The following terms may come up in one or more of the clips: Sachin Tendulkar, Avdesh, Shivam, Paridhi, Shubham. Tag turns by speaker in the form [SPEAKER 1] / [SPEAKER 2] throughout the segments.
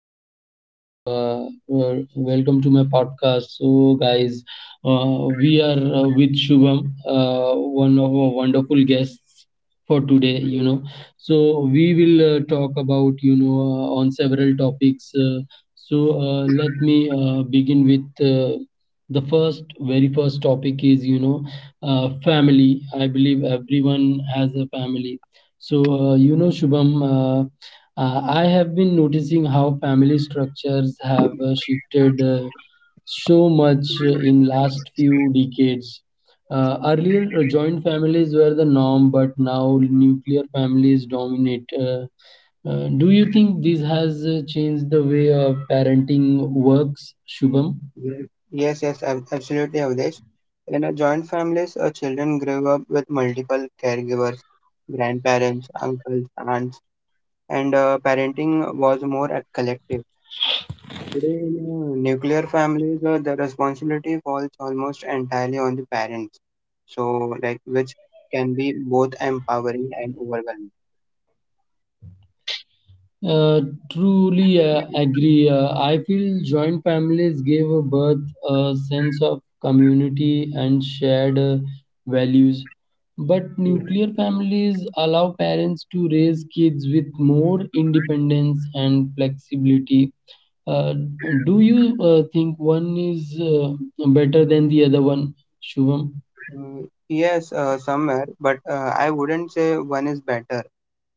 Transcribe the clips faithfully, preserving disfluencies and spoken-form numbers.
[SPEAKER 1] podcast. So, uh, uh, welcome to my podcast. So, guys, uh, we are uh, with Shubham, uh, one of our wonderful guests for today. You know, so we will uh, talk about you know uh, on several topics. Uh, so, uh, let me uh, begin with. Uh, the first very first topic is you know uh, family. I believe everyone has a family. So, uh, you know, Shubham, uh, uh, I have been noticing how family structures have uh, shifted uh, so much uh, in last few decades. Uh, earlier, uh, joint families were the norm, but now nuclear families dominate. Uh, uh, do you think this has uh, changed the way uh, parenting works, Shubham?
[SPEAKER 2] Yes, yes, ab- absolutely, Avdesh. In a joint families, uh, children grow up with multiple caregivers, grandparents, uncles, aunts, and uh, parenting was more a collective. Today, in uh, nuclear families, uh, the responsibility falls almost entirely on the parents. So, like, which can be both empowering and overwhelming.
[SPEAKER 1] Uh, truly uh, agree. Uh, I feel joint families give a birth a sense of community and shared uh, values. But
[SPEAKER 2] Mm,
[SPEAKER 1] nuclear families allow parents to raise kids with more independence and flexibility. Uh, do you uh, think one is uh, better than the other one, Shubham?
[SPEAKER 2] Uh, Yes, uh, somewhere, but uh, I wouldn't say one is better.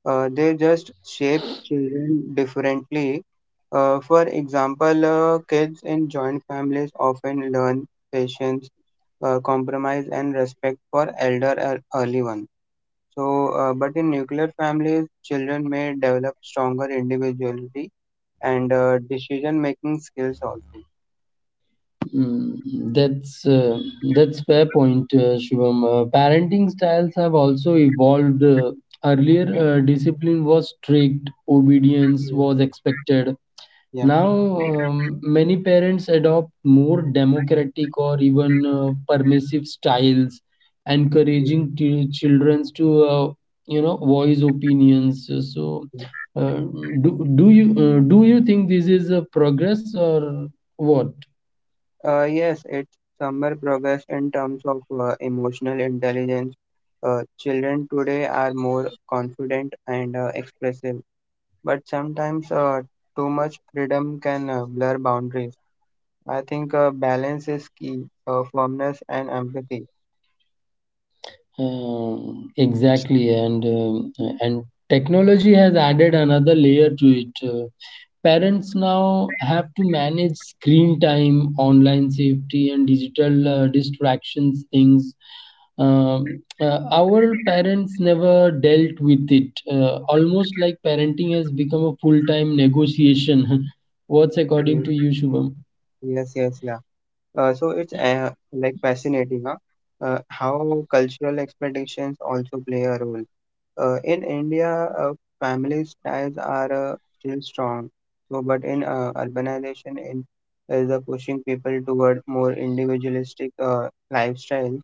[SPEAKER 2] uh, They just shape children differently. Uh, for example, uh, kids in joint families often learn patience, uh, compromise, and respect for elder ear- early ones. So, uh, but in nuclear families, children may develop stronger individuality and uh, decision-making skills also.
[SPEAKER 1] Mm, that's uh, that's fair point, uh, Shivam. Uh, parenting styles have also evolved. Uh, earlier, uh, discipline was strict, obedience was expected.
[SPEAKER 2] Yes.
[SPEAKER 1] Now, um, many parents adopt more democratic or even uh, permissive styles,
[SPEAKER 2] Yeah.
[SPEAKER 1] encouraging t- children to uh, you know voice opinions. So, uh, do do you uh, do you think this is a progress or what?
[SPEAKER 2] Uh, yes, it's somewhere progress in terms of uh, emotional intelligence. Uh, children today are more confident and uh, expressive, but sometimes uh, too much freedom can uh, blur boundaries. I think uh, balance is key, uh, firmness and empathy.
[SPEAKER 1] Um, exactly, and um, and technology has added another layer to it. Uh, parents now have to manage screen time, online safety, and digital uh, distractions. Things um, uh, our parents never dealt with it. Uh, almost like parenting has become a full-time negotiation. What's according
[SPEAKER 2] Mm,
[SPEAKER 1] to you, Shubham?
[SPEAKER 2] Yes, yes, yeah. Uh, so it's uh, like fascinating, huh? Uh, how cultural expectations also play a role. Uh, in India, uh, families ties are uh, still strong. So, but in uh, urbanization, in is uh, pushing people toward more individualistic uh, lifestyles.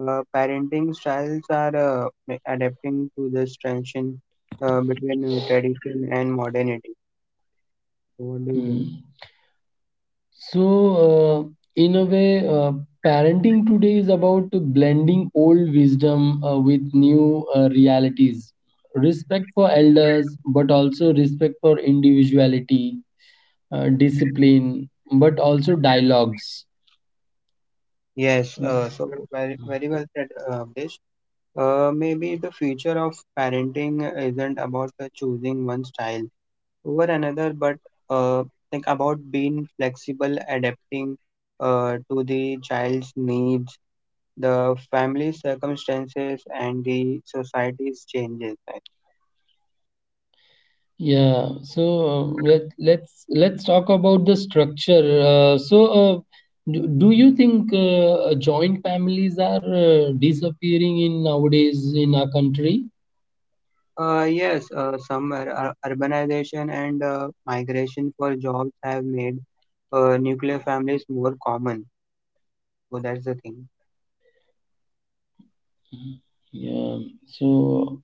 [SPEAKER 2] Uh, parenting styles are uh, ma- adapting to this tension uh, between uh, tradition and modernity. So, what do you
[SPEAKER 1] Hmm.
[SPEAKER 2] think?
[SPEAKER 1] So, uh, in a way, uh, parenting today is about blending old wisdom uh, with new uh, realities. Respect for elders, but also respect for individuality, uh, discipline, but also dialogues.
[SPEAKER 2] Yes, uh, so very, very well said, uh, Abdesh. Uh, maybe the future of parenting isn't about uh, choosing one style over another, but uh, like about being flexible, adapting uh, to the child's needs, the family circumstances, and the society's changes. Right?
[SPEAKER 1] Yeah, so uh, let let's let's talk about the structure. Uh, so, uh, do, do you think uh, uh, joint families are uh, disappearing in nowadays in our country?
[SPEAKER 2] Uh, yes, uh, some ur- ur- urbanization and uh, migration for jobs have made uh, nuclear families more common. So that's the thing.
[SPEAKER 1] Yeah. So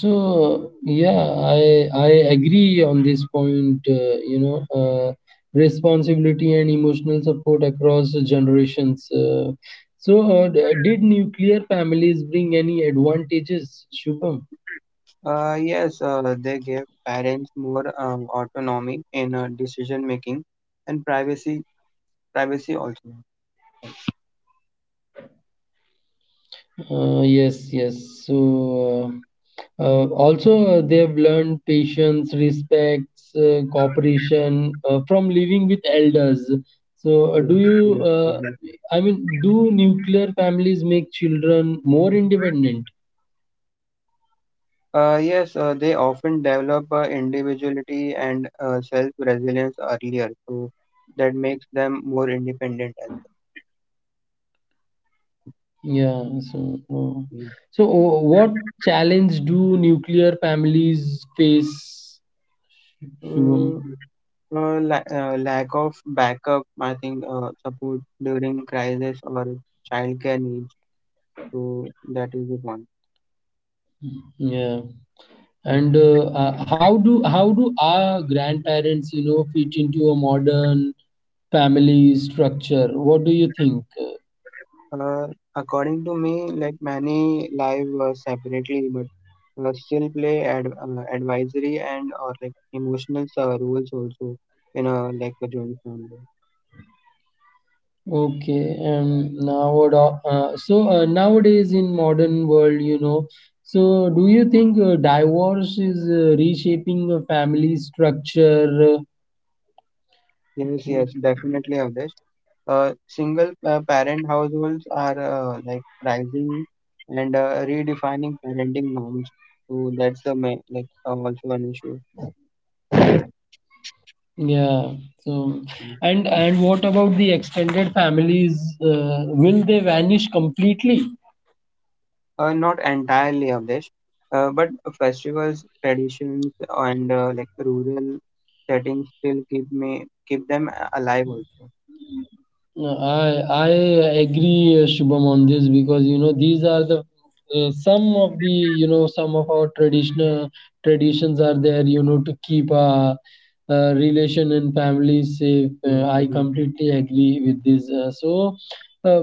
[SPEAKER 1] so yeah, I I agree on this point. Uh, you know, uh, responsibility and emotional support across the generations. Uh, so uh, d- did nuclear families bring any advantages, Shubham?
[SPEAKER 2] Uh, yes, uh, they give parents more um, autonomy in uh, decision making and privacy privacy also.
[SPEAKER 1] Uh, yes, yes. So. Uh, Uh, also, uh, they've learned patience, respect, uh, cooperation uh, from living with elders. So, uh, do
[SPEAKER 2] Yes,
[SPEAKER 1] you,
[SPEAKER 2] yes,
[SPEAKER 1] uh,
[SPEAKER 2] exactly.
[SPEAKER 1] I mean, do nuclear families make children more independent?
[SPEAKER 2] Uh, yes, uh, they often develop uh, individuality and uh, self-resilience earlier, so that makes them more independent as
[SPEAKER 1] Yeah, so, uh,
[SPEAKER 2] well.
[SPEAKER 1] so uh, what challenge do nuclear families face, Shubham?
[SPEAKER 2] Mm, uh, uh, la- uh, Lack of backup, I think, uh, support during crisis or childcare needs, so that is the point.
[SPEAKER 1] Yeah.
[SPEAKER 2] Yeah.
[SPEAKER 1] And uh, uh, how do how do our grandparents, you know, fit into a modern family structure. What do you think?
[SPEAKER 2] Uh, According to me, like many live uh, separately, but uh, still play ad- uh, advisory and or like emotional uh, roles also in a like a joint family.
[SPEAKER 1] Okay, and now uh, so uh, nowadays in modern world, you know, so do you think uh, divorce is uh, reshaping the family structure?
[SPEAKER 2] Yes,
[SPEAKER 1] Uh,
[SPEAKER 2] yes, definitely of this. Uh, single uh, parent households are uh, like rising and uh, redefining parenting norms. So that's the main, like uh, also an issue.
[SPEAKER 1] yeah. So, and and what about the extended families? Uh, will they vanish completely?
[SPEAKER 2] Uh, not entirely, Avdesh, uh, but festivals, traditions, and uh, like rural settings still keep me keep them a- alive also.
[SPEAKER 1] No, I I agree, uh, Shubham, on this because you know these are the uh, some of the you know some of our traditional traditions are there you know to keep a uh, relation and family safe. Uh,
[SPEAKER 2] Yes,
[SPEAKER 1] I
[SPEAKER 2] exactly.
[SPEAKER 1] completely agree with this. Uh, so, uh,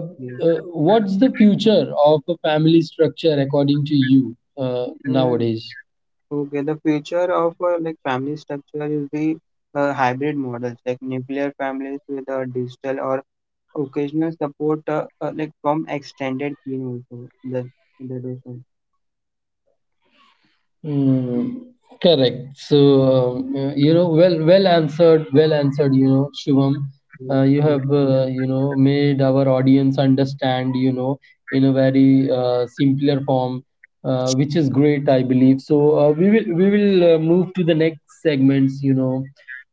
[SPEAKER 1] uh,
[SPEAKER 2] Yes.
[SPEAKER 1] what's the future of a family structure according to you uh,
[SPEAKER 2] Mm,
[SPEAKER 1] nowadays?
[SPEAKER 2] Okay, the future of uh, like family structure is the uh, hybrid models, like nuclear families with uh, digital or occasional support, uh, uh, like from extended kin also. That that also.
[SPEAKER 1] Mm, correct. So, um, uh, you know, well, well answered, well answered, you know, Shivam.
[SPEAKER 2] Yes,
[SPEAKER 1] Uh, you
[SPEAKER 2] yes,
[SPEAKER 1] have,
[SPEAKER 2] thank you.
[SPEAKER 1] uh, you know, made our audience understand, you know, in a very
[SPEAKER 2] Yes,
[SPEAKER 1] uh, simpler form, uh, which is great, I believe. So, uh, we will we will uh, move to the next segments, you know,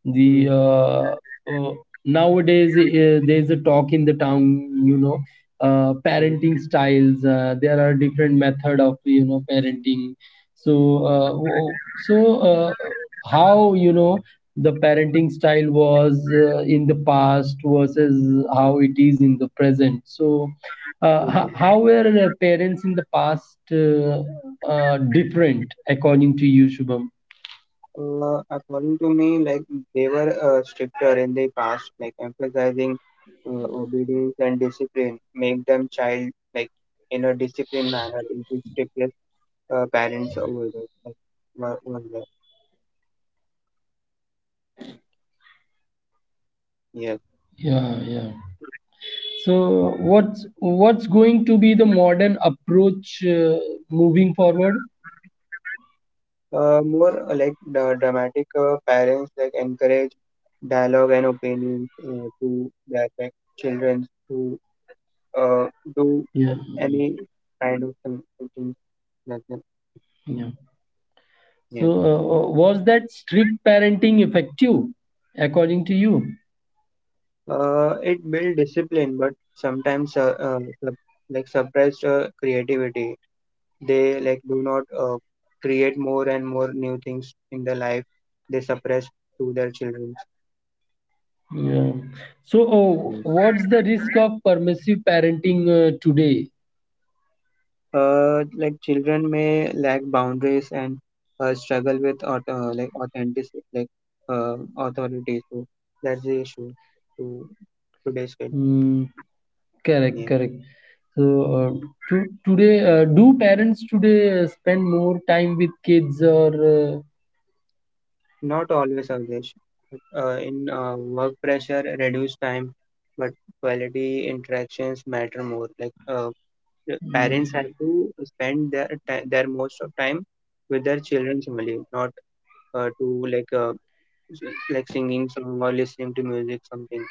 [SPEAKER 1] the
[SPEAKER 2] yes,
[SPEAKER 1] uh, uh, nowadays uh, there's a talk in the town, you know, uh,
[SPEAKER 2] yes.
[SPEAKER 1] parenting styles. Uh, there are different method of, you know, parenting. So, uh, w- so uh, how you know the parenting style was uh, in the past versus how it is in the present. So, uh,
[SPEAKER 2] Okay.
[SPEAKER 1] ho- how were the parents in the past uh, uh, different according to you, Shubham?
[SPEAKER 2] Uh, according to me, like they were uh, stricter in the past, like emphasizing uh, obedience and discipline, make them child like in a disciplined manner in the strictest uh, parents over there. Like, were- were there. Yes.
[SPEAKER 1] Yeah, yeah. So, what's what's going to be the modern approach uh, moving forward?
[SPEAKER 2] Uh, more uh, like the dramatic uh, parents like encourage dialogue and opinions uh, to their like children to uh, do
[SPEAKER 1] Yeah, mm,
[SPEAKER 2] any kind of thing, thing like that.
[SPEAKER 1] yeah. So,
[SPEAKER 2] Yeah.
[SPEAKER 1] uh, uh, was that strict parenting effective, according to you?
[SPEAKER 2] Uh, it built discipline, but sometimes uh, uh, sup- like suppressed uh, creativity. They like do not uh, create more and more new things in their life. They suppress to their children.
[SPEAKER 1] Yeah. So, oh, what's the risk of permissive parenting uh, today?
[SPEAKER 2] Uh, like children may lack boundaries and uh, struggle with auth- uh, like authenticity, like uh, authority. So that's the issue to today's kid.
[SPEAKER 1] Hmm. Correct,
[SPEAKER 2] Yeah.
[SPEAKER 1] correct. So, uh, to, today, uh, do parents today uh, spend more time with kids or uh,
[SPEAKER 2] Not always, Avdesh. Uh, in uh, work pressure, reduced time, but quality interactions matter more. Like uh, the parents
[SPEAKER 1] mm.
[SPEAKER 2] have to spend their ti their most of time with their children only, not uh, to like uh, s- like singing song or listening to music something.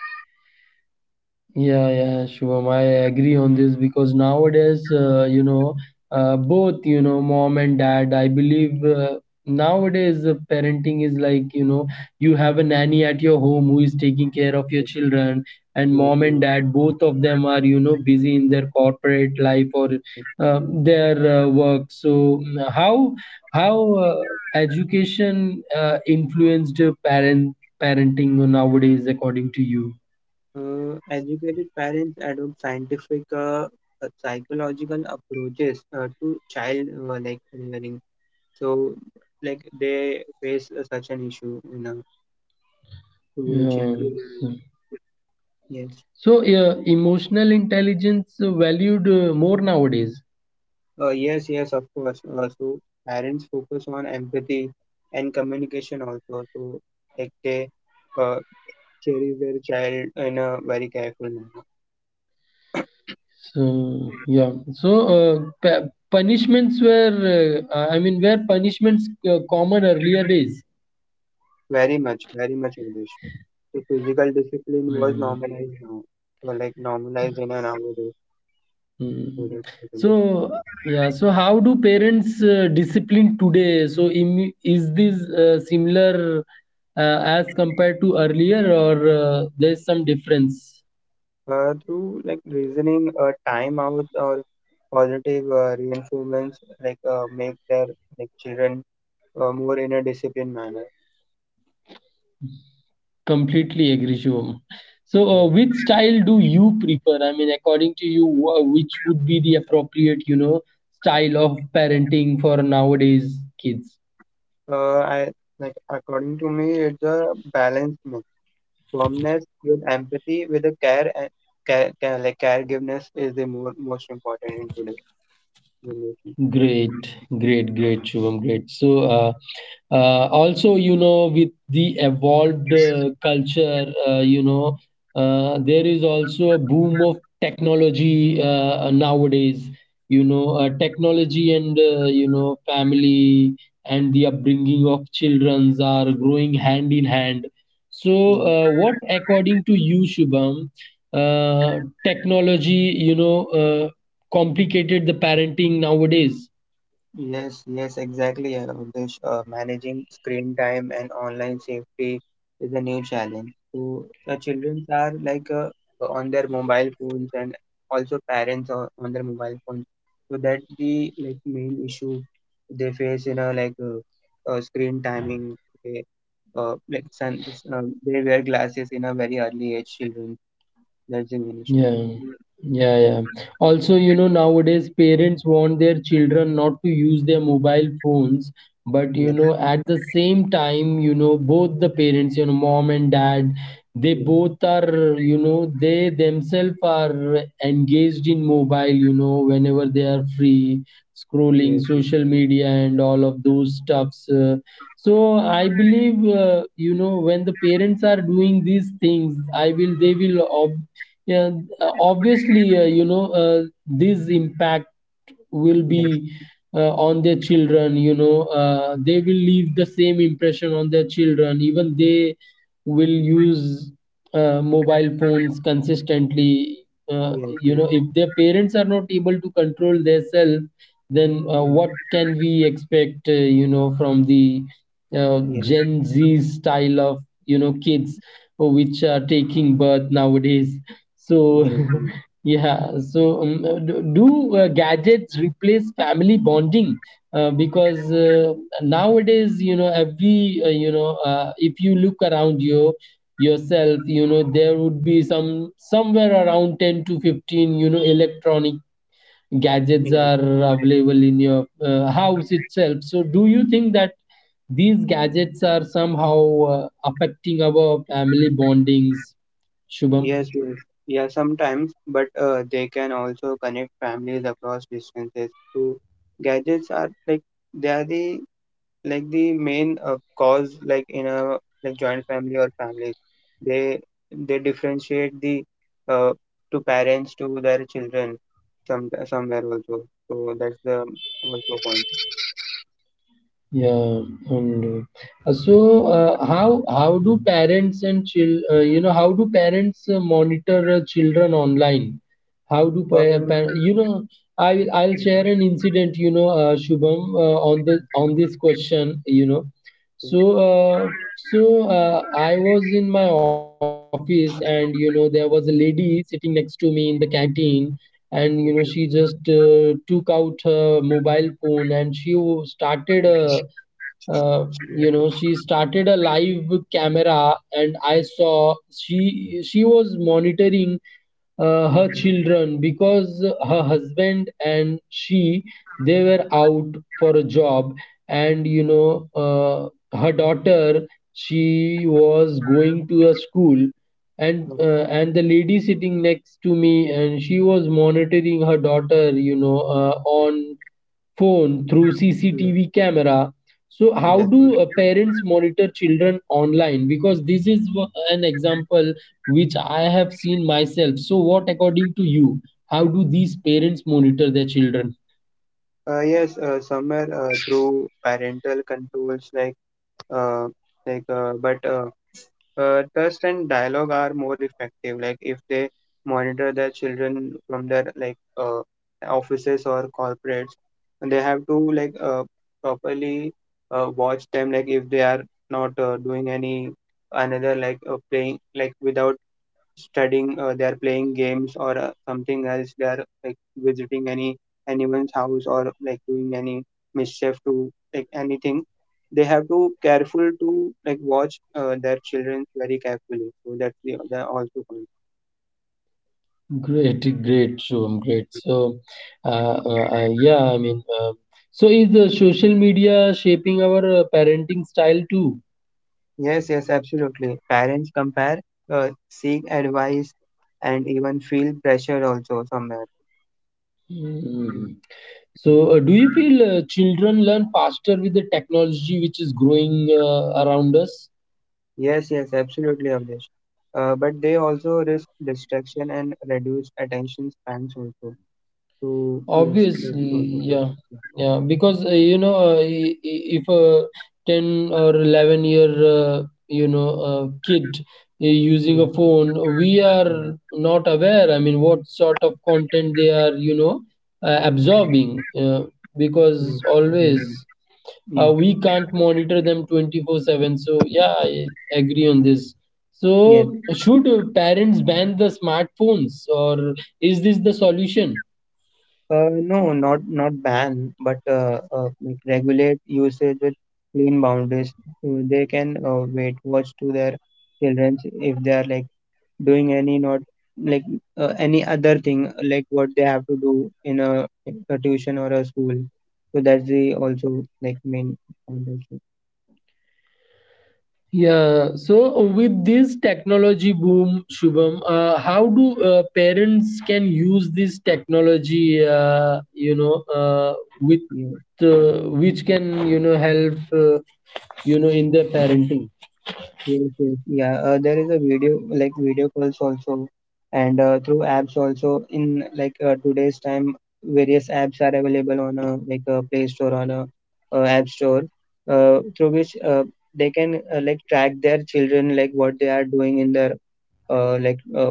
[SPEAKER 1] Yeah, yeah, Shubham, I agree on this because nowadays, uh, you know, uh, both, you know, mom and dad, I believe uh, nowadays uh, parenting is like, you know, you have a nanny at your home who is taking care of your
[SPEAKER 2] Like,
[SPEAKER 1] children, and
[SPEAKER 2] yes,
[SPEAKER 1] mom and
[SPEAKER 2] yes,
[SPEAKER 1] dad, both of them are, you know, busy in their corporate life or
[SPEAKER 2] yes.
[SPEAKER 1] uh, their uh, work. So, mm, how how uh, education uh, influenced parent parenting nowadays, according to you?
[SPEAKER 2] Uh, educated parents adopt scientific uh, uh, psychological approaches uh, to child uh, like rearing. So, like they face uh, such an issue in uh, to their
[SPEAKER 1] Yeah.
[SPEAKER 2] children. Yes.
[SPEAKER 1] So, uh, emotional intelligence valued uh, more nowadays.
[SPEAKER 2] Uh, yes, yes, of course. Uh, so parents focus on empathy and communication also. So like they uh, cherish their child in a very careful manner.
[SPEAKER 1] So, yeah. So, uh, p- punishments were, uh, I mean, were punishments uh, common earlier days.
[SPEAKER 2] Very much, very much English. So physical discipline was
[SPEAKER 1] Mm,
[SPEAKER 2] normalized now. So like normalized in an nowadays. So
[SPEAKER 1] mm.
[SPEAKER 2] that's the thing.
[SPEAKER 1] So, yeah. So, how do parents uh, discipline today? So, im- is this uh, similar uh, as compared to earlier, or uh, there's some difference?
[SPEAKER 2] Uh, through like reasoning uh, time out or positive uh, reinforcements like uh, make their like children uh, more in a disciplined manner.
[SPEAKER 1] Completely agree, Shivam. So, uh,
[SPEAKER 2] Yes.
[SPEAKER 1] which style do you prefer? I mean, according to you, wha- which would be the appropriate, you know, style of parenting for nowadays kids?
[SPEAKER 2] uh, I like according to me, it's a balance mix. Firmness with empathy with a care and care, care like caregiveness is the more, most important in today's generation.
[SPEAKER 1] Great, great, great, Shubham, great. So, uh, uh, also, you know, with the evolved uh, culture, uh, you know, uh, there is also a boom of technology uh, nowadays. You know, uh, technology and uh, you know, family and the upbringing of childrens are growing hand in hand. So, uh, what, according to you, Shubham, uh, technology, you know, Uh, complicated the parenting nowadays.
[SPEAKER 2] Yes, yes, exactly. uh, Avdesh. Uh, managing screen time and online safety is a new challenge. So, the children are like uh, on their mobile phones, and also parents are on their mobile phones. So that's the like main issue they face in a like uh, uh, screen timing. They, uh, like sun, uh, they wear glasses in a very early age. Children, that's the main issue.
[SPEAKER 1] Yeah, yeah,
[SPEAKER 2] Mm.
[SPEAKER 1] yeah. Also, you know, nowadays parents want their children not to use their mobile phones, but you
[SPEAKER 2] Yes,
[SPEAKER 1] know, at the same time, you know, both the parents, you know, mom and dad, they
[SPEAKER 2] yes,
[SPEAKER 1] both are, you know, they themselves are engaged in mobile, you know, whenever they are free, scrolling
[SPEAKER 2] yes,
[SPEAKER 1] social media and all of those stuffs. Uh, so I believe, uh, you know, when the parents are doing these things, I will, they will, yeah, uh, obviously uh, you know uh, this impact will
[SPEAKER 2] yes, yes,
[SPEAKER 1] be uh, on their children, you know, uh, they will leave the same impression on their children, even they will use uh, mobile phones consistently, uh,
[SPEAKER 2] yes,
[SPEAKER 1] you know,
[SPEAKER 2] yes,
[SPEAKER 1] if their parents are not able to control themselves, then uh,
[SPEAKER 2] yes,
[SPEAKER 1] what can we expect, uh, you know, from the uh, gen
[SPEAKER 2] yes.
[SPEAKER 1] z style of, you know, kids uh, which are taking birth nowadays, so
[SPEAKER 2] Yes, yes,
[SPEAKER 1] yeah. So um, uh, do, do uh, gadgets replace family bonding? Uh, because uh, nowadays, you know, every, uh, you know, uh, if you look around you yourself, you know, there would be some somewhere around ten to fifteen, you know, electronic gadgets
[SPEAKER 2] yes,
[SPEAKER 1] are available in your uh, house itself. So, do you think that these gadgets are somehow uh, affecting our family bondings, Shubham?
[SPEAKER 2] yes, yes. Yeah, sometimes, but uh, they can also connect families across distances. So gadgets are like they are the like the main uh, cause like in a like joint family or families. They they differentiate the uh, to parents to their children some somewhere also. So that's the also point.
[SPEAKER 1] Yeah, and uh, so uh, how how do parents and chil uh, you know, how do parents uh, monitor uh, children online? How do
[SPEAKER 2] Uh,
[SPEAKER 1] pa par you know I'll I'll share an incident, you know, uh, Shubham, uh, on the on this question, you know. So uh, so uh, I was in my office and you know there was a lady sitting next to me in the canteen, and you know she just uh, took out her mobile phone and she started uh, uh,
[SPEAKER 2] Okay.
[SPEAKER 1] you
[SPEAKER 2] Okay,
[SPEAKER 1] know she started a live camera and I saw she she was monitoring uh, her
[SPEAKER 2] okay, okay,
[SPEAKER 1] children because her husband and she, they were out for a job. And you know, uh, her daughter, she was going to a school, and
[SPEAKER 2] okay,
[SPEAKER 1] uh, and the lady sitting next to me, and she was monitoring her daughter, you know, uh, on phone, through
[SPEAKER 2] okay, okay,
[SPEAKER 1] C C T V camera. So, how
[SPEAKER 2] yes,
[SPEAKER 1] do uh,
[SPEAKER 2] yes.
[SPEAKER 1] parents monitor children online? Because this is wha- an example which I have seen myself. So, what according to you? How do these parents monitor their children?
[SPEAKER 2] Uh, yes, uh, somewhere uh, through parental controls, like uh, like, uh, but uh, uh, trust and dialogue are more effective. Like if they monitor their children from their like uh, offices or corporates, and they have to like uh, properly uh, watch them. Like if they are not uh, doing any another like uh, playing like without studying, uh, they are playing games or uh, something else. They are like visiting any anyone's house or like doing any mischief to like anything. They have to careful to like watch uh, their children very carefully. So that's the, the also point.
[SPEAKER 1] Great, great, Shubham, great. So, uh, uh, uh, yeah, I mean, uh, so is the social media shaping our uh, parenting style too?
[SPEAKER 2] Yes, yes, absolutely. Parents compare, uh, seek advice, and even feel pressure also somewhere. Mm.
[SPEAKER 1] Hmm. So, uh, do you feel uh, children learn faster with the technology which is growing uh, around us?
[SPEAKER 2] Yes, yes, absolutely, Avdesh. Uh, but they also risk distraction and reduce attention spans also. So yes, that's
[SPEAKER 1] Obviously,
[SPEAKER 2] also fine.
[SPEAKER 1] yeah, yeah, because uh, you know, uh, i- i- if a ten or eleven year uh, you know uh, kid uh, using
[SPEAKER 2] Yeah,
[SPEAKER 1] a phone, we
[SPEAKER 2] yes,
[SPEAKER 1] are
[SPEAKER 2] yes,
[SPEAKER 1] not aware. I mean, what sort of content they are, you know, uh, absorbing, uh, because
[SPEAKER 2] yes,
[SPEAKER 1] always.
[SPEAKER 2] exactly.
[SPEAKER 1] Uh,
[SPEAKER 2] Yes,
[SPEAKER 1] we can't monitor them twenty-four seven, so yeah, I agree on this. So
[SPEAKER 2] yes.
[SPEAKER 1] should uh, parents ban the smartphones, or is this the solution?
[SPEAKER 2] Uh, no, not not ban, but uh, uh, like regulate usage with clean boundaries. So they can uh, wait watch to their children if they are like doing any not like uh, any other thing like what they have to do in a, a tuition or a school. So that's the also like main point
[SPEAKER 1] Yeah, so with this technology boom, Shubham, uh, how do uh, parents can use this technology, uh, you know uh, with
[SPEAKER 2] also.
[SPEAKER 1] uh, which can, you know, help, uh, you know, in their parenting.
[SPEAKER 2] Yes, yes, yeah. Uh, there is a video like video calls also, and uh, through apps also. In like uh, today's time, various apps are available on a like a Play Store on a uh, App Store, uh, through which uh, they can uh, like track their children like what they are doing in their uh, like uh,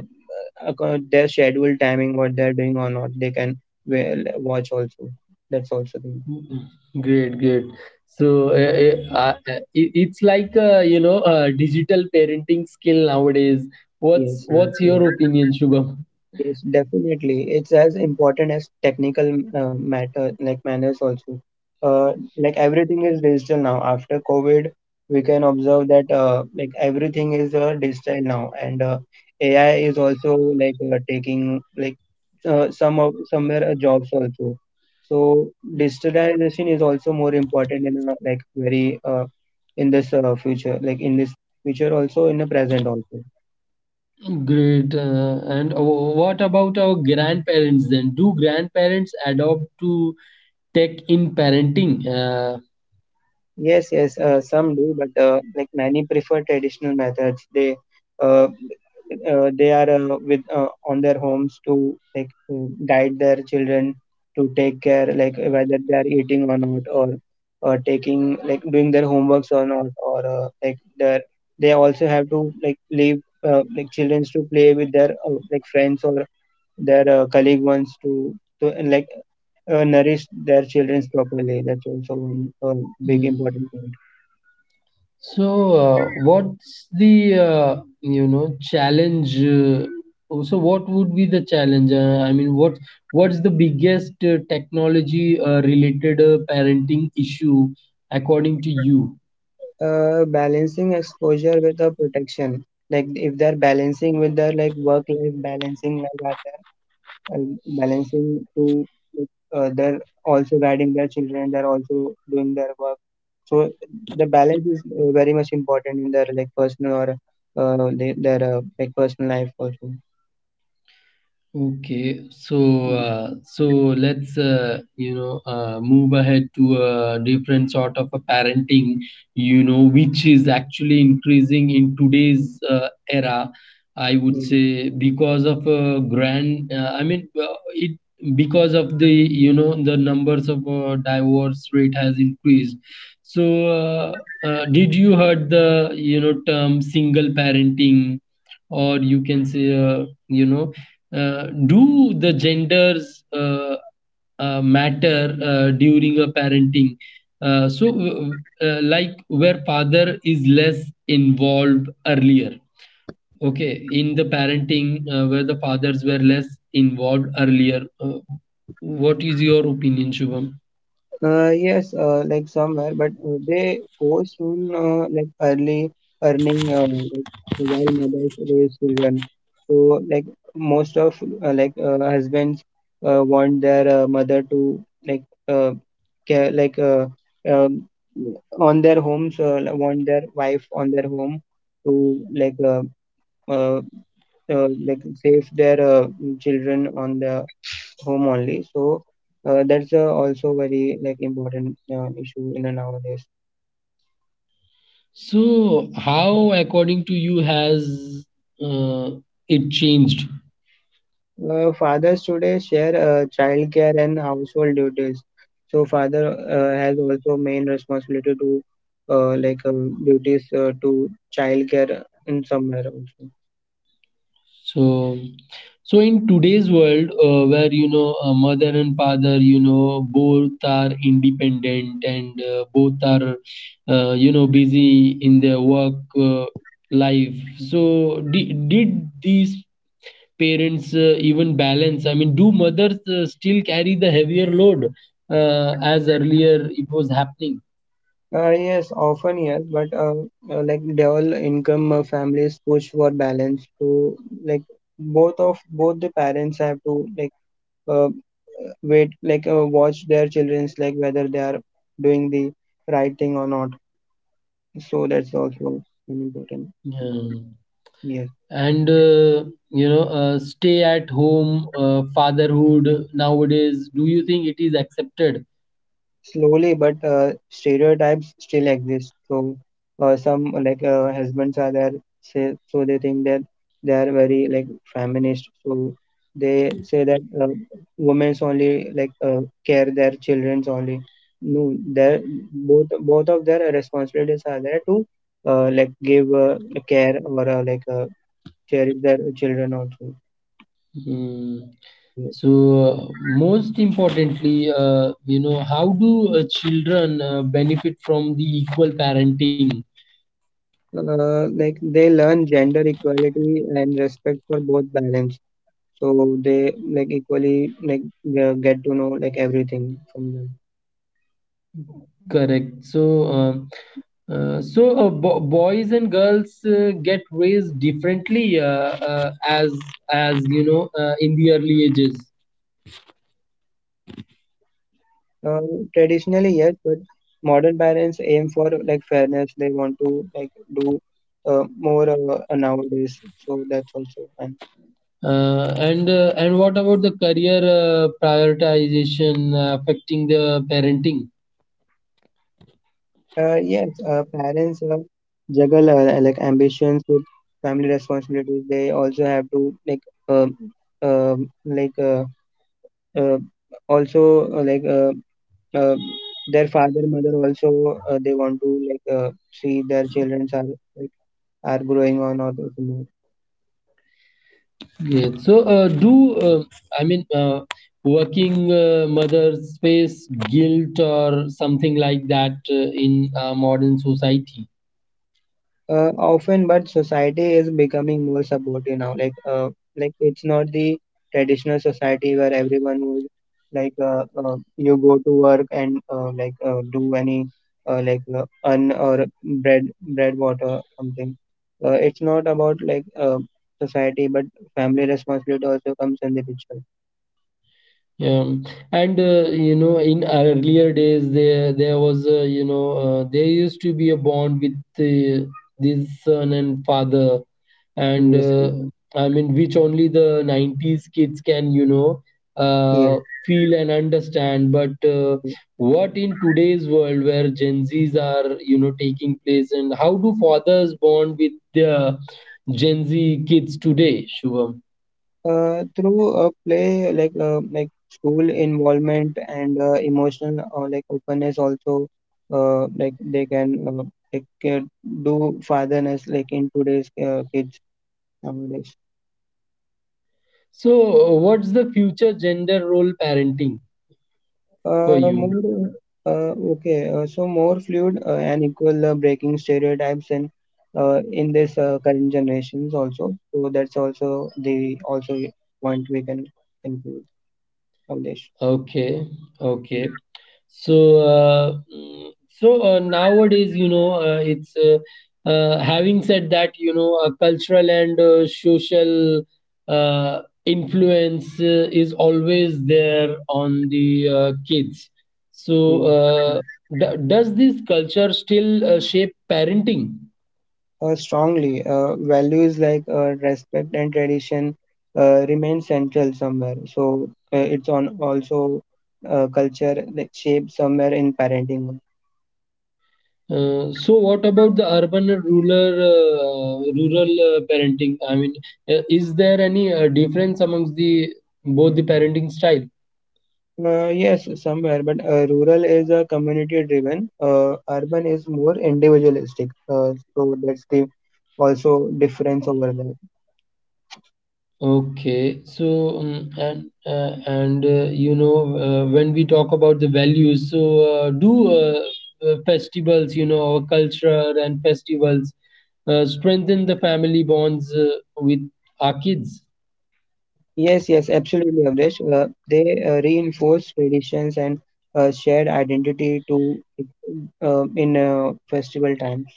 [SPEAKER 2] acco- their scheduled timing, what they are doing or not. They can well, watch also. That's also the
[SPEAKER 1] Mm, great, great. So uh, uh, uh, it- it's like, uh, you know, uh, digital parenting skill nowadays. What's
[SPEAKER 2] yes, yes,
[SPEAKER 1] what's your
[SPEAKER 2] yes.
[SPEAKER 1] opinion, Shubham?
[SPEAKER 2] Yes, definitely. It's as important as technical uh, matter, like manners also. Uh, like everything is digital now. After COVID, we can observe that uh, like everything is uh, digital now, and uh, A I is also like uh, taking like uh, some of somewhere uh, jobs also. So digitalization is also more important in uh, like very uh, in this uh, future, like in this future also in the present also.
[SPEAKER 1] Great. Uh, and wh- What about our grandparents then? Do grandparents adopt to tech in parenting? Uh,
[SPEAKER 2] Yes, yes, uh, some do, but uh, like many prefer traditional methods. They uh, uh, they are uh, with uh, on their homes to like to guide their children to take care, like whether they are eating or not, or or taking like doing their homeworks or not, or uh, like their they also have to like leave uh, like children to play with their uh, like friends or their uh, colleague ones to to uh, like uh, nourish their children properly. That's also one uh, big important point.
[SPEAKER 1] So, uh, what's the uh, you know challenge? Uh, so, what would be the challenge? Uh, I mean, what what's the biggest uh, technology uh, related uh, parenting issue according to you?
[SPEAKER 2] Uh, balancing exposure with the protection like if they're balancing with their like work life balancing like that uh, balancing to uh, they're also guiding their children, they're also doing their work, so the balance is uh, very much important in their like personal or uh, the- their uh, like personal life also.
[SPEAKER 1] Okay, so
[SPEAKER 2] Mm.
[SPEAKER 1] uh, so let's uh, you know uh, move ahead to a different sort of a parenting, you know, which is actually increasing in today's uh, era. I would
[SPEAKER 2] Mm.
[SPEAKER 1] say because of uh, grand, uh, I mean, uh, it because of the you know the numbers of uh, divorce rate has increased. So, uh, uh, did you heard the you know term single parenting, or you can say uh, you know uh, do the genders uh, uh, matter uh, during a parenting? Uh, so, uh, uh, like where father is less involved earlier, okay, in the parenting uh, where the fathers were less involved earlier. Uh, what is your opinion, Shubham?
[SPEAKER 2] Uh, yes, uh, like somewhere, but uh, they post soon, uh, like early earning, uh, like, while mothers raise children. So, like most of uh, like uh, husbands uh, want their uh, mother to like uh, care, like uh, um, on their homes, uh, like, want their wife on their home to like uh, uh, uh, like save their uh, children on the home only. So uh, that's uh, also very like important uh, issue in a nowadays.
[SPEAKER 1] So, how, according to you, has uh, it changed?
[SPEAKER 2] Uh, fathers today share uh, childcare and household duties. So father uh, has also main responsibility to uh, like um, duties uh, to childcare in somewhere also.
[SPEAKER 1] So, so in today's world, uh, where you know a mother and father, you know, both are independent and uh, both are, uh, you know, busy in their work uh, life. So, di- did these parents uh, even balance? I mean, do mothers uh, still carry the heavier load uh, as earlier it was happening?
[SPEAKER 2] Uh, yes, often yes, but uh, uh, like dual income uh, families push for balance to like both of both the parents have to like uh, wait, like, uh, watch their children's, like, whether they are doing the right thing or not. So that's also an important
[SPEAKER 1] Yeah.
[SPEAKER 2] yes.
[SPEAKER 1] And uh, you know, uh, stay at home uh, fatherhood nowadays, do you think it is accepted?
[SPEAKER 2] Slowly, but uh, stereotypes still exist. So uh, some, like, uh, husbands are there, say, so they think that they are very like feminist. So they say that uh, women's only, like, uh, care their children's only. No, their both both of their responsibilities are there to uh, like give uh, care or uh, like uh, cherish their children also.
[SPEAKER 1] Hmm.
[SPEAKER 2] So,
[SPEAKER 1] So uh, most importantly, uh, you know, how do uh, children uh, benefit from the equal parenting?
[SPEAKER 2] Uh, like they learn gender equality and respect for both balance. So they like equally, like, uh, get to know like everything from them.
[SPEAKER 1] Correct. So um, uh, so uh, bo- boys and girls uh, get raised differently uh, uh, as as you know, uh, in the early ages.
[SPEAKER 2] Uh, Traditionally, yes, but modern parents aim for like fairness. They want to like do uh, more uh, uh, nowadays. So that's also and
[SPEAKER 1] Uh, and uh, and what about the career uh, prioritization uh, affecting the parenting?
[SPEAKER 2] uh, yes, uh, parents uh, juggle uh, like ambitions with family responsibilities. They also have to like um um like uh, uh, also uh, like uh, uh, their father mother also uh, they want to like uh, see their children are like, are growing on or something.
[SPEAKER 1] Yeah. So uh, do uh, I mean, uh, working uh, mothers face guilt or something like that uh, in uh, modern society?
[SPEAKER 2] Uh, often, but society is becoming more supportive now, like, uh, like it's not the traditional society where everyone would like uh, uh, you go to work and uh, like uh, do any uh, like uh, earn or bread bread water something. Uh, it's not about, like, uh, society, but family responsibility also comes in the picture.
[SPEAKER 1] Yeah, and uh, you know, in earlier days, there there was a, you know uh, there used to be a bond with the, this son and father, and
[SPEAKER 2] Yes,
[SPEAKER 1] uh, I mean, which only the nineties kids can you know
[SPEAKER 2] yes.
[SPEAKER 1] uh, feel and understand. But uh, what in today's world where Gen Zs are, you know, taking place? And how do fathers bond with their Gen Z kids today, Shubham?
[SPEAKER 2] Uh, through a play, like, uh, like school involvement and uh, emotional uh, like openness also, uh, like they can uh, like uh, do fatherness like in today's uh, kids nowadays.
[SPEAKER 1] So, what's the future gender role parenting for
[SPEAKER 2] Uh,
[SPEAKER 1] you?
[SPEAKER 2] more uh, Okay. Uh, so more fluid uh, and equal uh, breaking stereotypes in uh, in this uh, current generations also. So that's also the, also, point we can include nowadays.
[SPEAKER 1] Okay, okay. So, uh, mm, so uh, nowadays, you know, uh, it's uh, uh, having said that, you know, uh, cultural and uh, social uh, influence uh, is always there on the uh, kids. So,
[SPEAKER 2] Yeah.
[SPEAKER 1] uh, d- does this culture still uh, shape parenting?
[SPEAKER 2] Uh, strongly. Uh, values like uh, respect and tradition uh, remain central somewhere. So uh, it's on also uh, culture like shape somewhere in parenting.
[SPEAKER 1] Uh, so what about the urban and rural, uh, rural uh, parenting? I mean, uh, is there any uh, difference amongst the both the parenting style?
[SPEAKER 2] Uh, yes, somewhere, but uh, rural is a community driven. Uh, urban is more individualistic. Uh, so that's the, also, difference over there.
[SPEAKER 1] Okay. so um, and uh, and uh, you know, uh, when we talk about the values, so uh, do uh, uh, festivals, you know, our culture and festivals uh, strengthen the family bonds uh, with our kids?
[SPEAKER 2] Yes, yes, absolutely, Avresh. Uh, they uh, reinforce traditions and uh, shared identity to uh, in uh, festival times.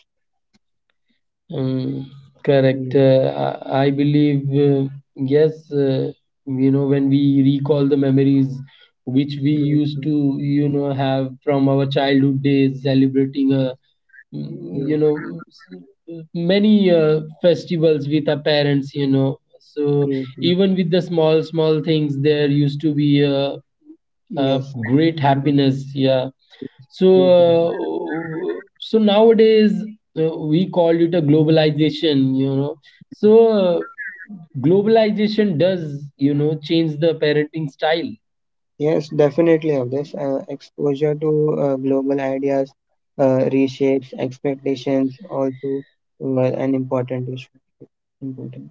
[SPEAKER 1] Mm, correct.
[SPEAKER 2] Yes,
[SPEAKER 1] Uh, I, I believe, uh, yes. Uh, you know, when we recall the memories which we
[SPEAKER 2] yes,
[SPEAKER 1] used to, you know, have from our childhood days, celebrating, uh, mm, you
[SPEAKER 2] yes,
[SPEAKER 1] know, s- many uh, festivals with our parents, you know. So
[SPEAKER 2] yes, yes,
[SPEAKER 1] even with the small, small things, there used to be a,
[SPEAKER 2] yes,
[SPEAKER 1] a
[SPEAKER 2] yes,
[SPEAKER 1] great
[SPEAKER 2] yes, yes,
[SPEAKER 1] happiness. Yeah. So,
[SPEAKER 2] Avdesh.
[SPEAKER 1] uh, so nowadays uh, we call it a globalization, you know. So, uh, globalization does, you know, change the parenting style.
[SPEAKER 2] Yes, definitely, Avdesh. Uh, exposure to uh, global ideas uh, reshapes expectations, also uh, an important issue. Important.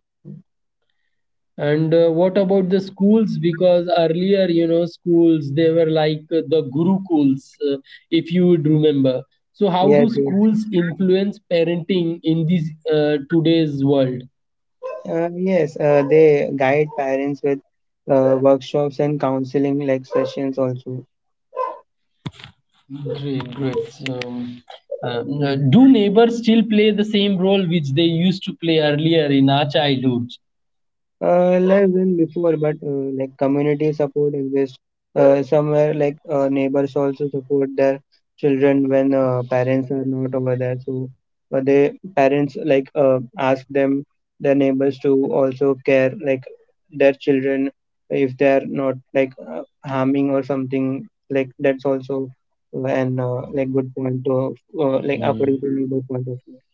[SPEAKER 1] And uh, what about the schools? Because earlier, you know, schools, they were like uh, the gurukuls, uh, if you would remember. So, how
[SPEAKER 2] Yes,
[SPEAKER 1] do
[SPEAKER 2] yes.
[SPEAKER 1] schools influence parenting in this uh, today's world?
[SPEAKER 2] Uh, yes, uh, they guide parents with uh, workshops and counseling, like, sessions also.
[SPEAKER 1] Great, great. So, um, uh,
[SPEAKER 2] Mm.
[SPEAKER 1] do neighbors still play the same role which they used to play earlier in our childhood?
[SPEAKER 2] Uh, I've been before, but uh, like community support exists uh, somewhere. Like, uh, neighbors also support their children when uh, parents are not over there. So, but they parents like uh, ask them their neighbors to also care like their children if they are not like uh, harming or something. Like that's also an uh, like good point of uh, like
[SPEAKER 1] Hmm.
[SPEAKER 2] according to neighbor point of view.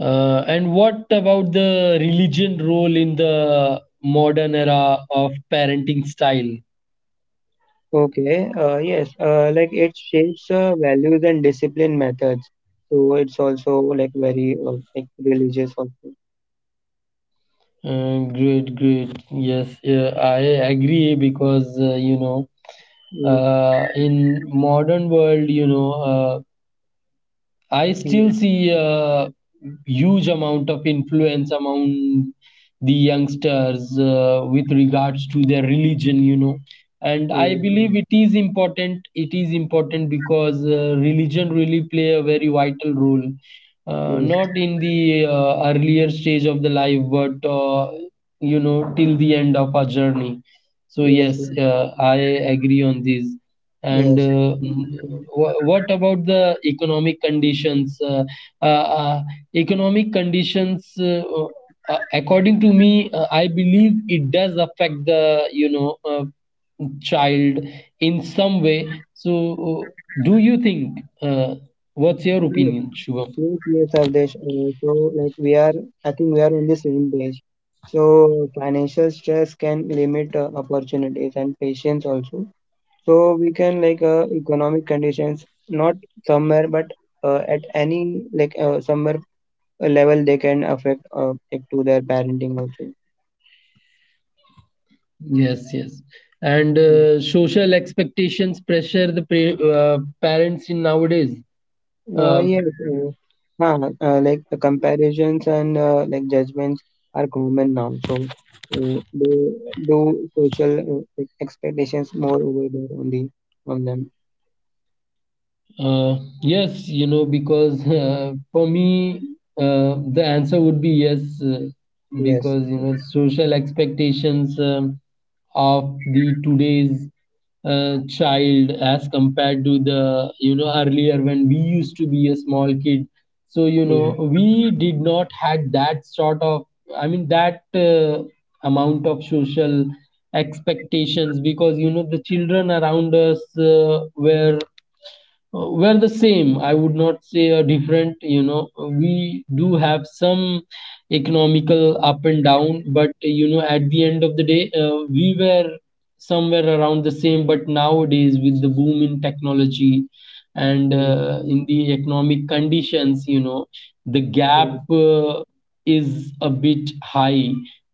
[SPEAKER 1] Uh, and what about the religion role in the modern era of parenting style?
[SPEAKER 2] Okay, uh, yes, uh, like it shapes uh, values and discipline methods. So it's also like very uh, like religious also.
[SPEAKER 1] Uh, great, great. Yes, yeah, I agree because uh, you know,
[SPEAKER 2] Yes,
[SPEAKER 1] uh, in modern world, you know, uh, I still see a huge amount of influence among the youngsters uh, with regards to their religion, you know. And
[SPEAKER 2] yes,
[SPEAKER 1] I
[SPEAKER 2] yes, yes,
[SPEAKER 1] believe it is important. It is important because uh, religion really play a very vital role, uh,
[SPEAKER 2] yes,
[SPEAKER 1] not in the uh, earlier stage of the life, but uh, you know, till the end of our journey. So
[SPEAKER 2] yes,
[SPEAKER 1] yes,
[SPEAKER 2] yes.
[SPEAKER 1] uh, I agree on this. And
[SPEAKER 2] Yes,
[SPEAKER 1] uh, mm,
[SPEAKER 2] absolutely.
[SPEAKER 1] what about the economic conditions? Uh, uh, uh, Economic conditions, uh, uh, according to me, uh, I believe it does affect the, you know, uh, child in some way. So, uh, do you think? Uh, what's your
[SPEAKER 2] Yes,
[SPEAKER 1] opinion, Shubham?
[SPEAKER 2] yes, yes, Avdesh. Uh, so like we are, I think we are on the same page. So financial stress can limit uh, opportunities and patience also. So we can like uh, economic conditions, not somewhere, but uh, at any like uh, somewhere a level they can affect uh, it to their parenting also.
[SPEAKER 1] Yes, yes. And
[SPEAKER 2] Mm.
[SPEAKER 1] uh, social expectations pressure the pa- uh, parents in nowadays.
[SPEAKER 2] Uh,
[SPEAKER 1] Uh,
[SPEAKER 2] yes. uh, huh, uh, like the comparisons and uh, like judgments are common now, so uh, they do social uh, like, expectations more over there on the on them.
[SPEAKER 1] Uh, yes, you know, because uh, for me, uh, the answer would be yes, uh,
[SPEAKER 2] Yes,
[SPEAKER 1] because you
[SPEAKER 2] yes,
[SPEAKER 1] know, social expectations, um, of the today's uh, child as compared to the, you know, earlier when we used to be a small kid. So you know,
[SPEAKER 2] yes,
[SPEAKER 1] we did not had that sort of, I mean, that uh, amount of social expectations, because you know the children around us uh, were uh, were the same. I would not say a different, you know, we do have some economical up and down, but you know, at the end of the day, uh, we were somewhere around the same. But nowadays, with the boom in technology and
[SPEAKER 2] yes,
[SPEAKER 1] uh, in the economic conditions, you know, the gap uh, is a bit high,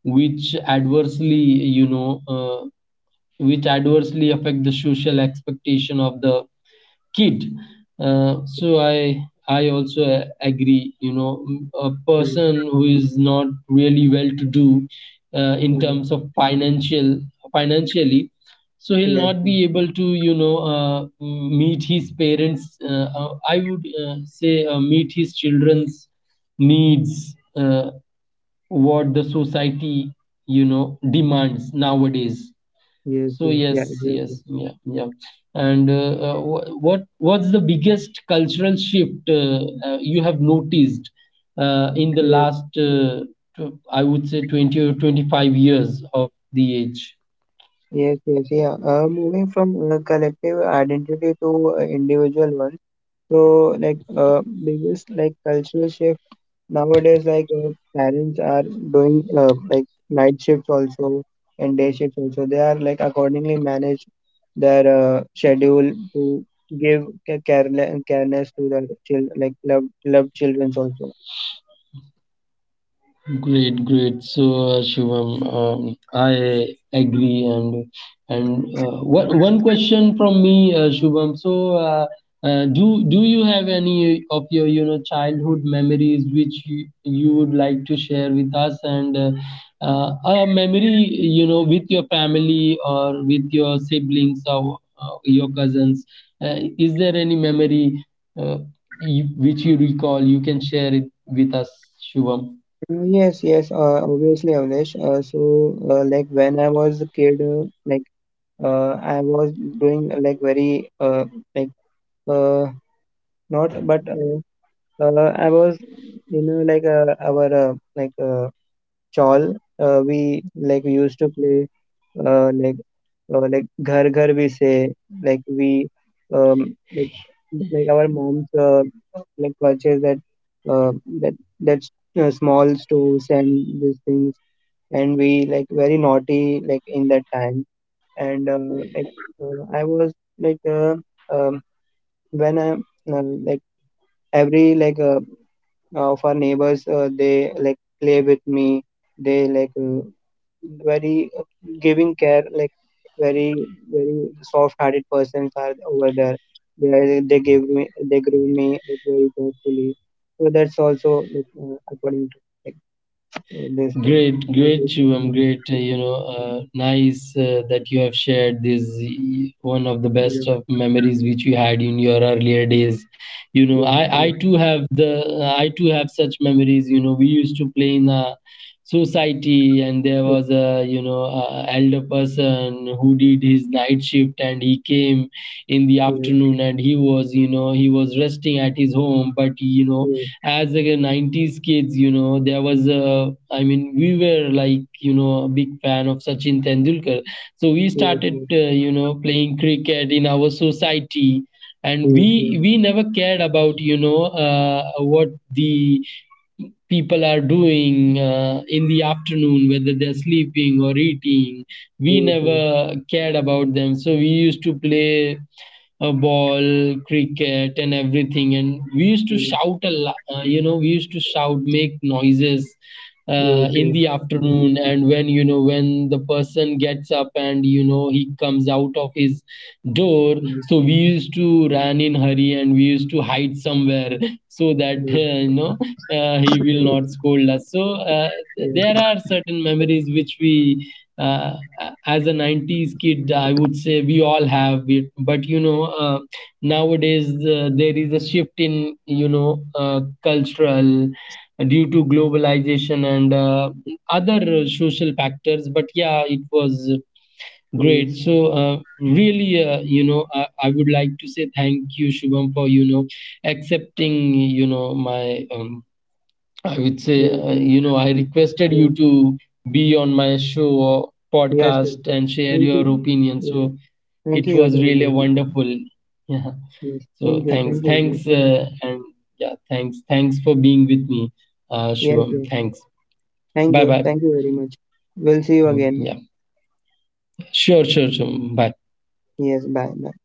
[SPEAKER 1] which adversely, you know, uh, which adversely affect the social expectation of the kid. Uh, so I I also a- agree. You know, m- a
[SPEAKER 2] yes,
[SPEAKER 1] person who is not really well to do uh, in terms of financial financially, so he'll
[SPEAKER 2] yes, yes, yes, yes, yeah,
[SPEAKER 1] not be
[SPEAKER 2] exactly.
[SPEAKER 1] able to, you know, uh, m- meet his parents. Uh, uh, I would uh, say, uh, meet his children's needs. Uh, what the society, you know, demands nowadays. So yes, yes, yeah, yeah. And uh, uh, wh- what what's the biggest cultural shift uh, uh, you have noticed uh, in the
[SPEAKER 2] Yes,
[SPEAKER 1] last, uh, tw- I would say, twenty or twenty-five years of the age?
[SPEAKER 2] yes, yes, yeah. Uh, moving from uh, collective identity to uh, individual one. So, like, uh, biggest like cultural shift nowadays, like, uh, parents are doing uh, like night shifts also and day shifts also. They are like accordingly manage their uh, schedule to give ca- carele- careness to their child, like love loved childrens also. Uh,
[SPEAKER 1] Great, great. So, uh, Shivam, um, I agree. And and uh, one one question from me, uh, Shubham. So, uh, uh, do do you have any of your, you know, childhood memories which you, you would like to share with us? And uh, uh, a memory, you know, with your family or with your siblings or uh, your cousins. Uh, is there any memory uh, you, which you recall? You can share it with us, Shubham.
[SPEAKER 2] Yes, yes, uh, obviously, Avnish. Uh, so, uh, like when I was a kid, uh, like uh, I was doing uh, like very uh, like uh, not, but uh, Uh, I was, you know, like uh, our uh, like uh, chawl. Uh, we like we used to play uh, like uh, like ghar ghar we say like we um like, like our moms uh, like purchase that uh, that that uh, small stores and these things, and we like very naughty like in that time, and uh, like uh, I was like uh, um, when I uh, like every like uh, of our neighbors uh, they like play with me, they like uh, very uh, giving care like very, very soft hearted persons are over there. They, they give me, they give me like very carefully, so that's also like uh, according to like uh, this uh,
[SPEAKER 1] Great,
[SPEAKER 2] what
[SPEAKER 1] great,
[SPEAKER 2] we call
[SPEAKER 1] Shivam.
[SPEAKER 2] model.
[SPEAKER 1] Great. Uh, you know,
[SPEAKER 2] Yeah,
[SPEAKER 1] uh, nice uh, that you have shared this, y- one of the best of memories which you had in your earlier days. You know,
[SPEAKER 2] yeah,
[SPEAKER 1] I I
[SPEAKER 2] yeah,
[SPEAKER 1] too have the I too have such memories. You know, we used to play in a society, and there was a, you know, a elder person who did his night shift, and he came in the
[SPEAKER 2] yes,
[SPEAKER 1] afternoon, and he was, you know, he was resting at his home, but you know,
[SPEAKER 2] yes,
[SPEAKER 1] as like a nineties kids, you know, there was a, I mean, we were like, you know, a big fan of Sachin Tendulkar. So we started uh, you know, playing cricket in our society,
[SPEAKER 2] yes,
[SPEAKER 1] and
[SPEAKER 2] yes, yes,
[SPEAKER 1] we
[SPEAKER 2] yes,
[SPEAKER 1] we never cared about, you know, uh, what the people are doing uh, in the afternoon, whether they're sleeping or eating. We
[SPEAKER 2] yes, yes, yes, yes, yes,
[SPEAKER 1] never cared about them. So we used to play a ball, cricket, and everything. And we used to
[SPEAKER 2] yes,
[SPEAKER 1] shout a lot, uh, you know, we used to shout, make noises uh, in the afternoon. And when, you know, when the person gets up and, you know, he comes out of his door, so we used to run in hurry, and we used to hide somewhere so that, uh,
[SPEAKER 2] yes,
[SPEAKER 1] you know, uh, he will not
[SPEAKER 2] yes,
[SPEAKER 1] scold us. So uh, there
[SPEAKER 2] yes.
[SPEAKER 1] are certain memories which we, uh, as a nineties kid, I would say we all have it. But you know, uh, nowadays, uh, there is a shift in, you know, uh, cultural, due to globalization and uh, other uh, social factors. But yeah, it was great.
[SPEAKER 2] Yes,
[SPEAKER 1] So uh, really, uh, you know, I, I would like to say thank you, Shubham, for you know, accepting, you know, my, um, I would say,
[SPEAKER 2] yes,
[SPEAKER 1] uh,
[SPEAKER 2] yes,
[SPEAKER 1] you know, I requested
[SPEAKER 2] yeah,
[SPEAKER 1] you to be on my show or
[SPEAKER 2] yes, yes.
[SPEAKER 1] podcast and share
[SPEAKER 2] Thank you.
[SPEAKER 1] your opinion.
[SPEAKER 2] Yes,
[SPEAKER 1] So
[SPEAKER 2] thank
[SPEAKER 1] it
[SPEAKER 2] you,
[SPEAKER 1] was
[SPEAKER 2] beautiful
[SPEAKER 1] really
[SPEAKER 2] bro.
[SPEAKER 1] wonderful. Yeah.
[SPEAKER 2] Yes,
[SPEAKER 1] So
[SPEAKER 2] thank you,
[SPEAKER 1] thanks,
[SPEAKER 2] thank you, bro.
[SPEAKER 1] thanks, uh, and yeah, thanks, thanks for being with me, uh,
[SPEAKER 2] Yes,
[SPEAKER 1] Shivam.
[SPEAKER 2] yes.
[SPEAKER 1] Thanks.
[SPEAKER 2] Thank
[SPEAKER 1] Bye,
[SPEAKER 2] you,
[SPEAKER 1] bye.
[SPEAKER 2] thank you very much. We'll see you
[SPEAKER 1] Mm.
[SPEAKER 2] again.
[SPEAKER 1] Yeah. Sure, sure, sure. Bye.
[SPEAKER 2] Yes, bye, bye.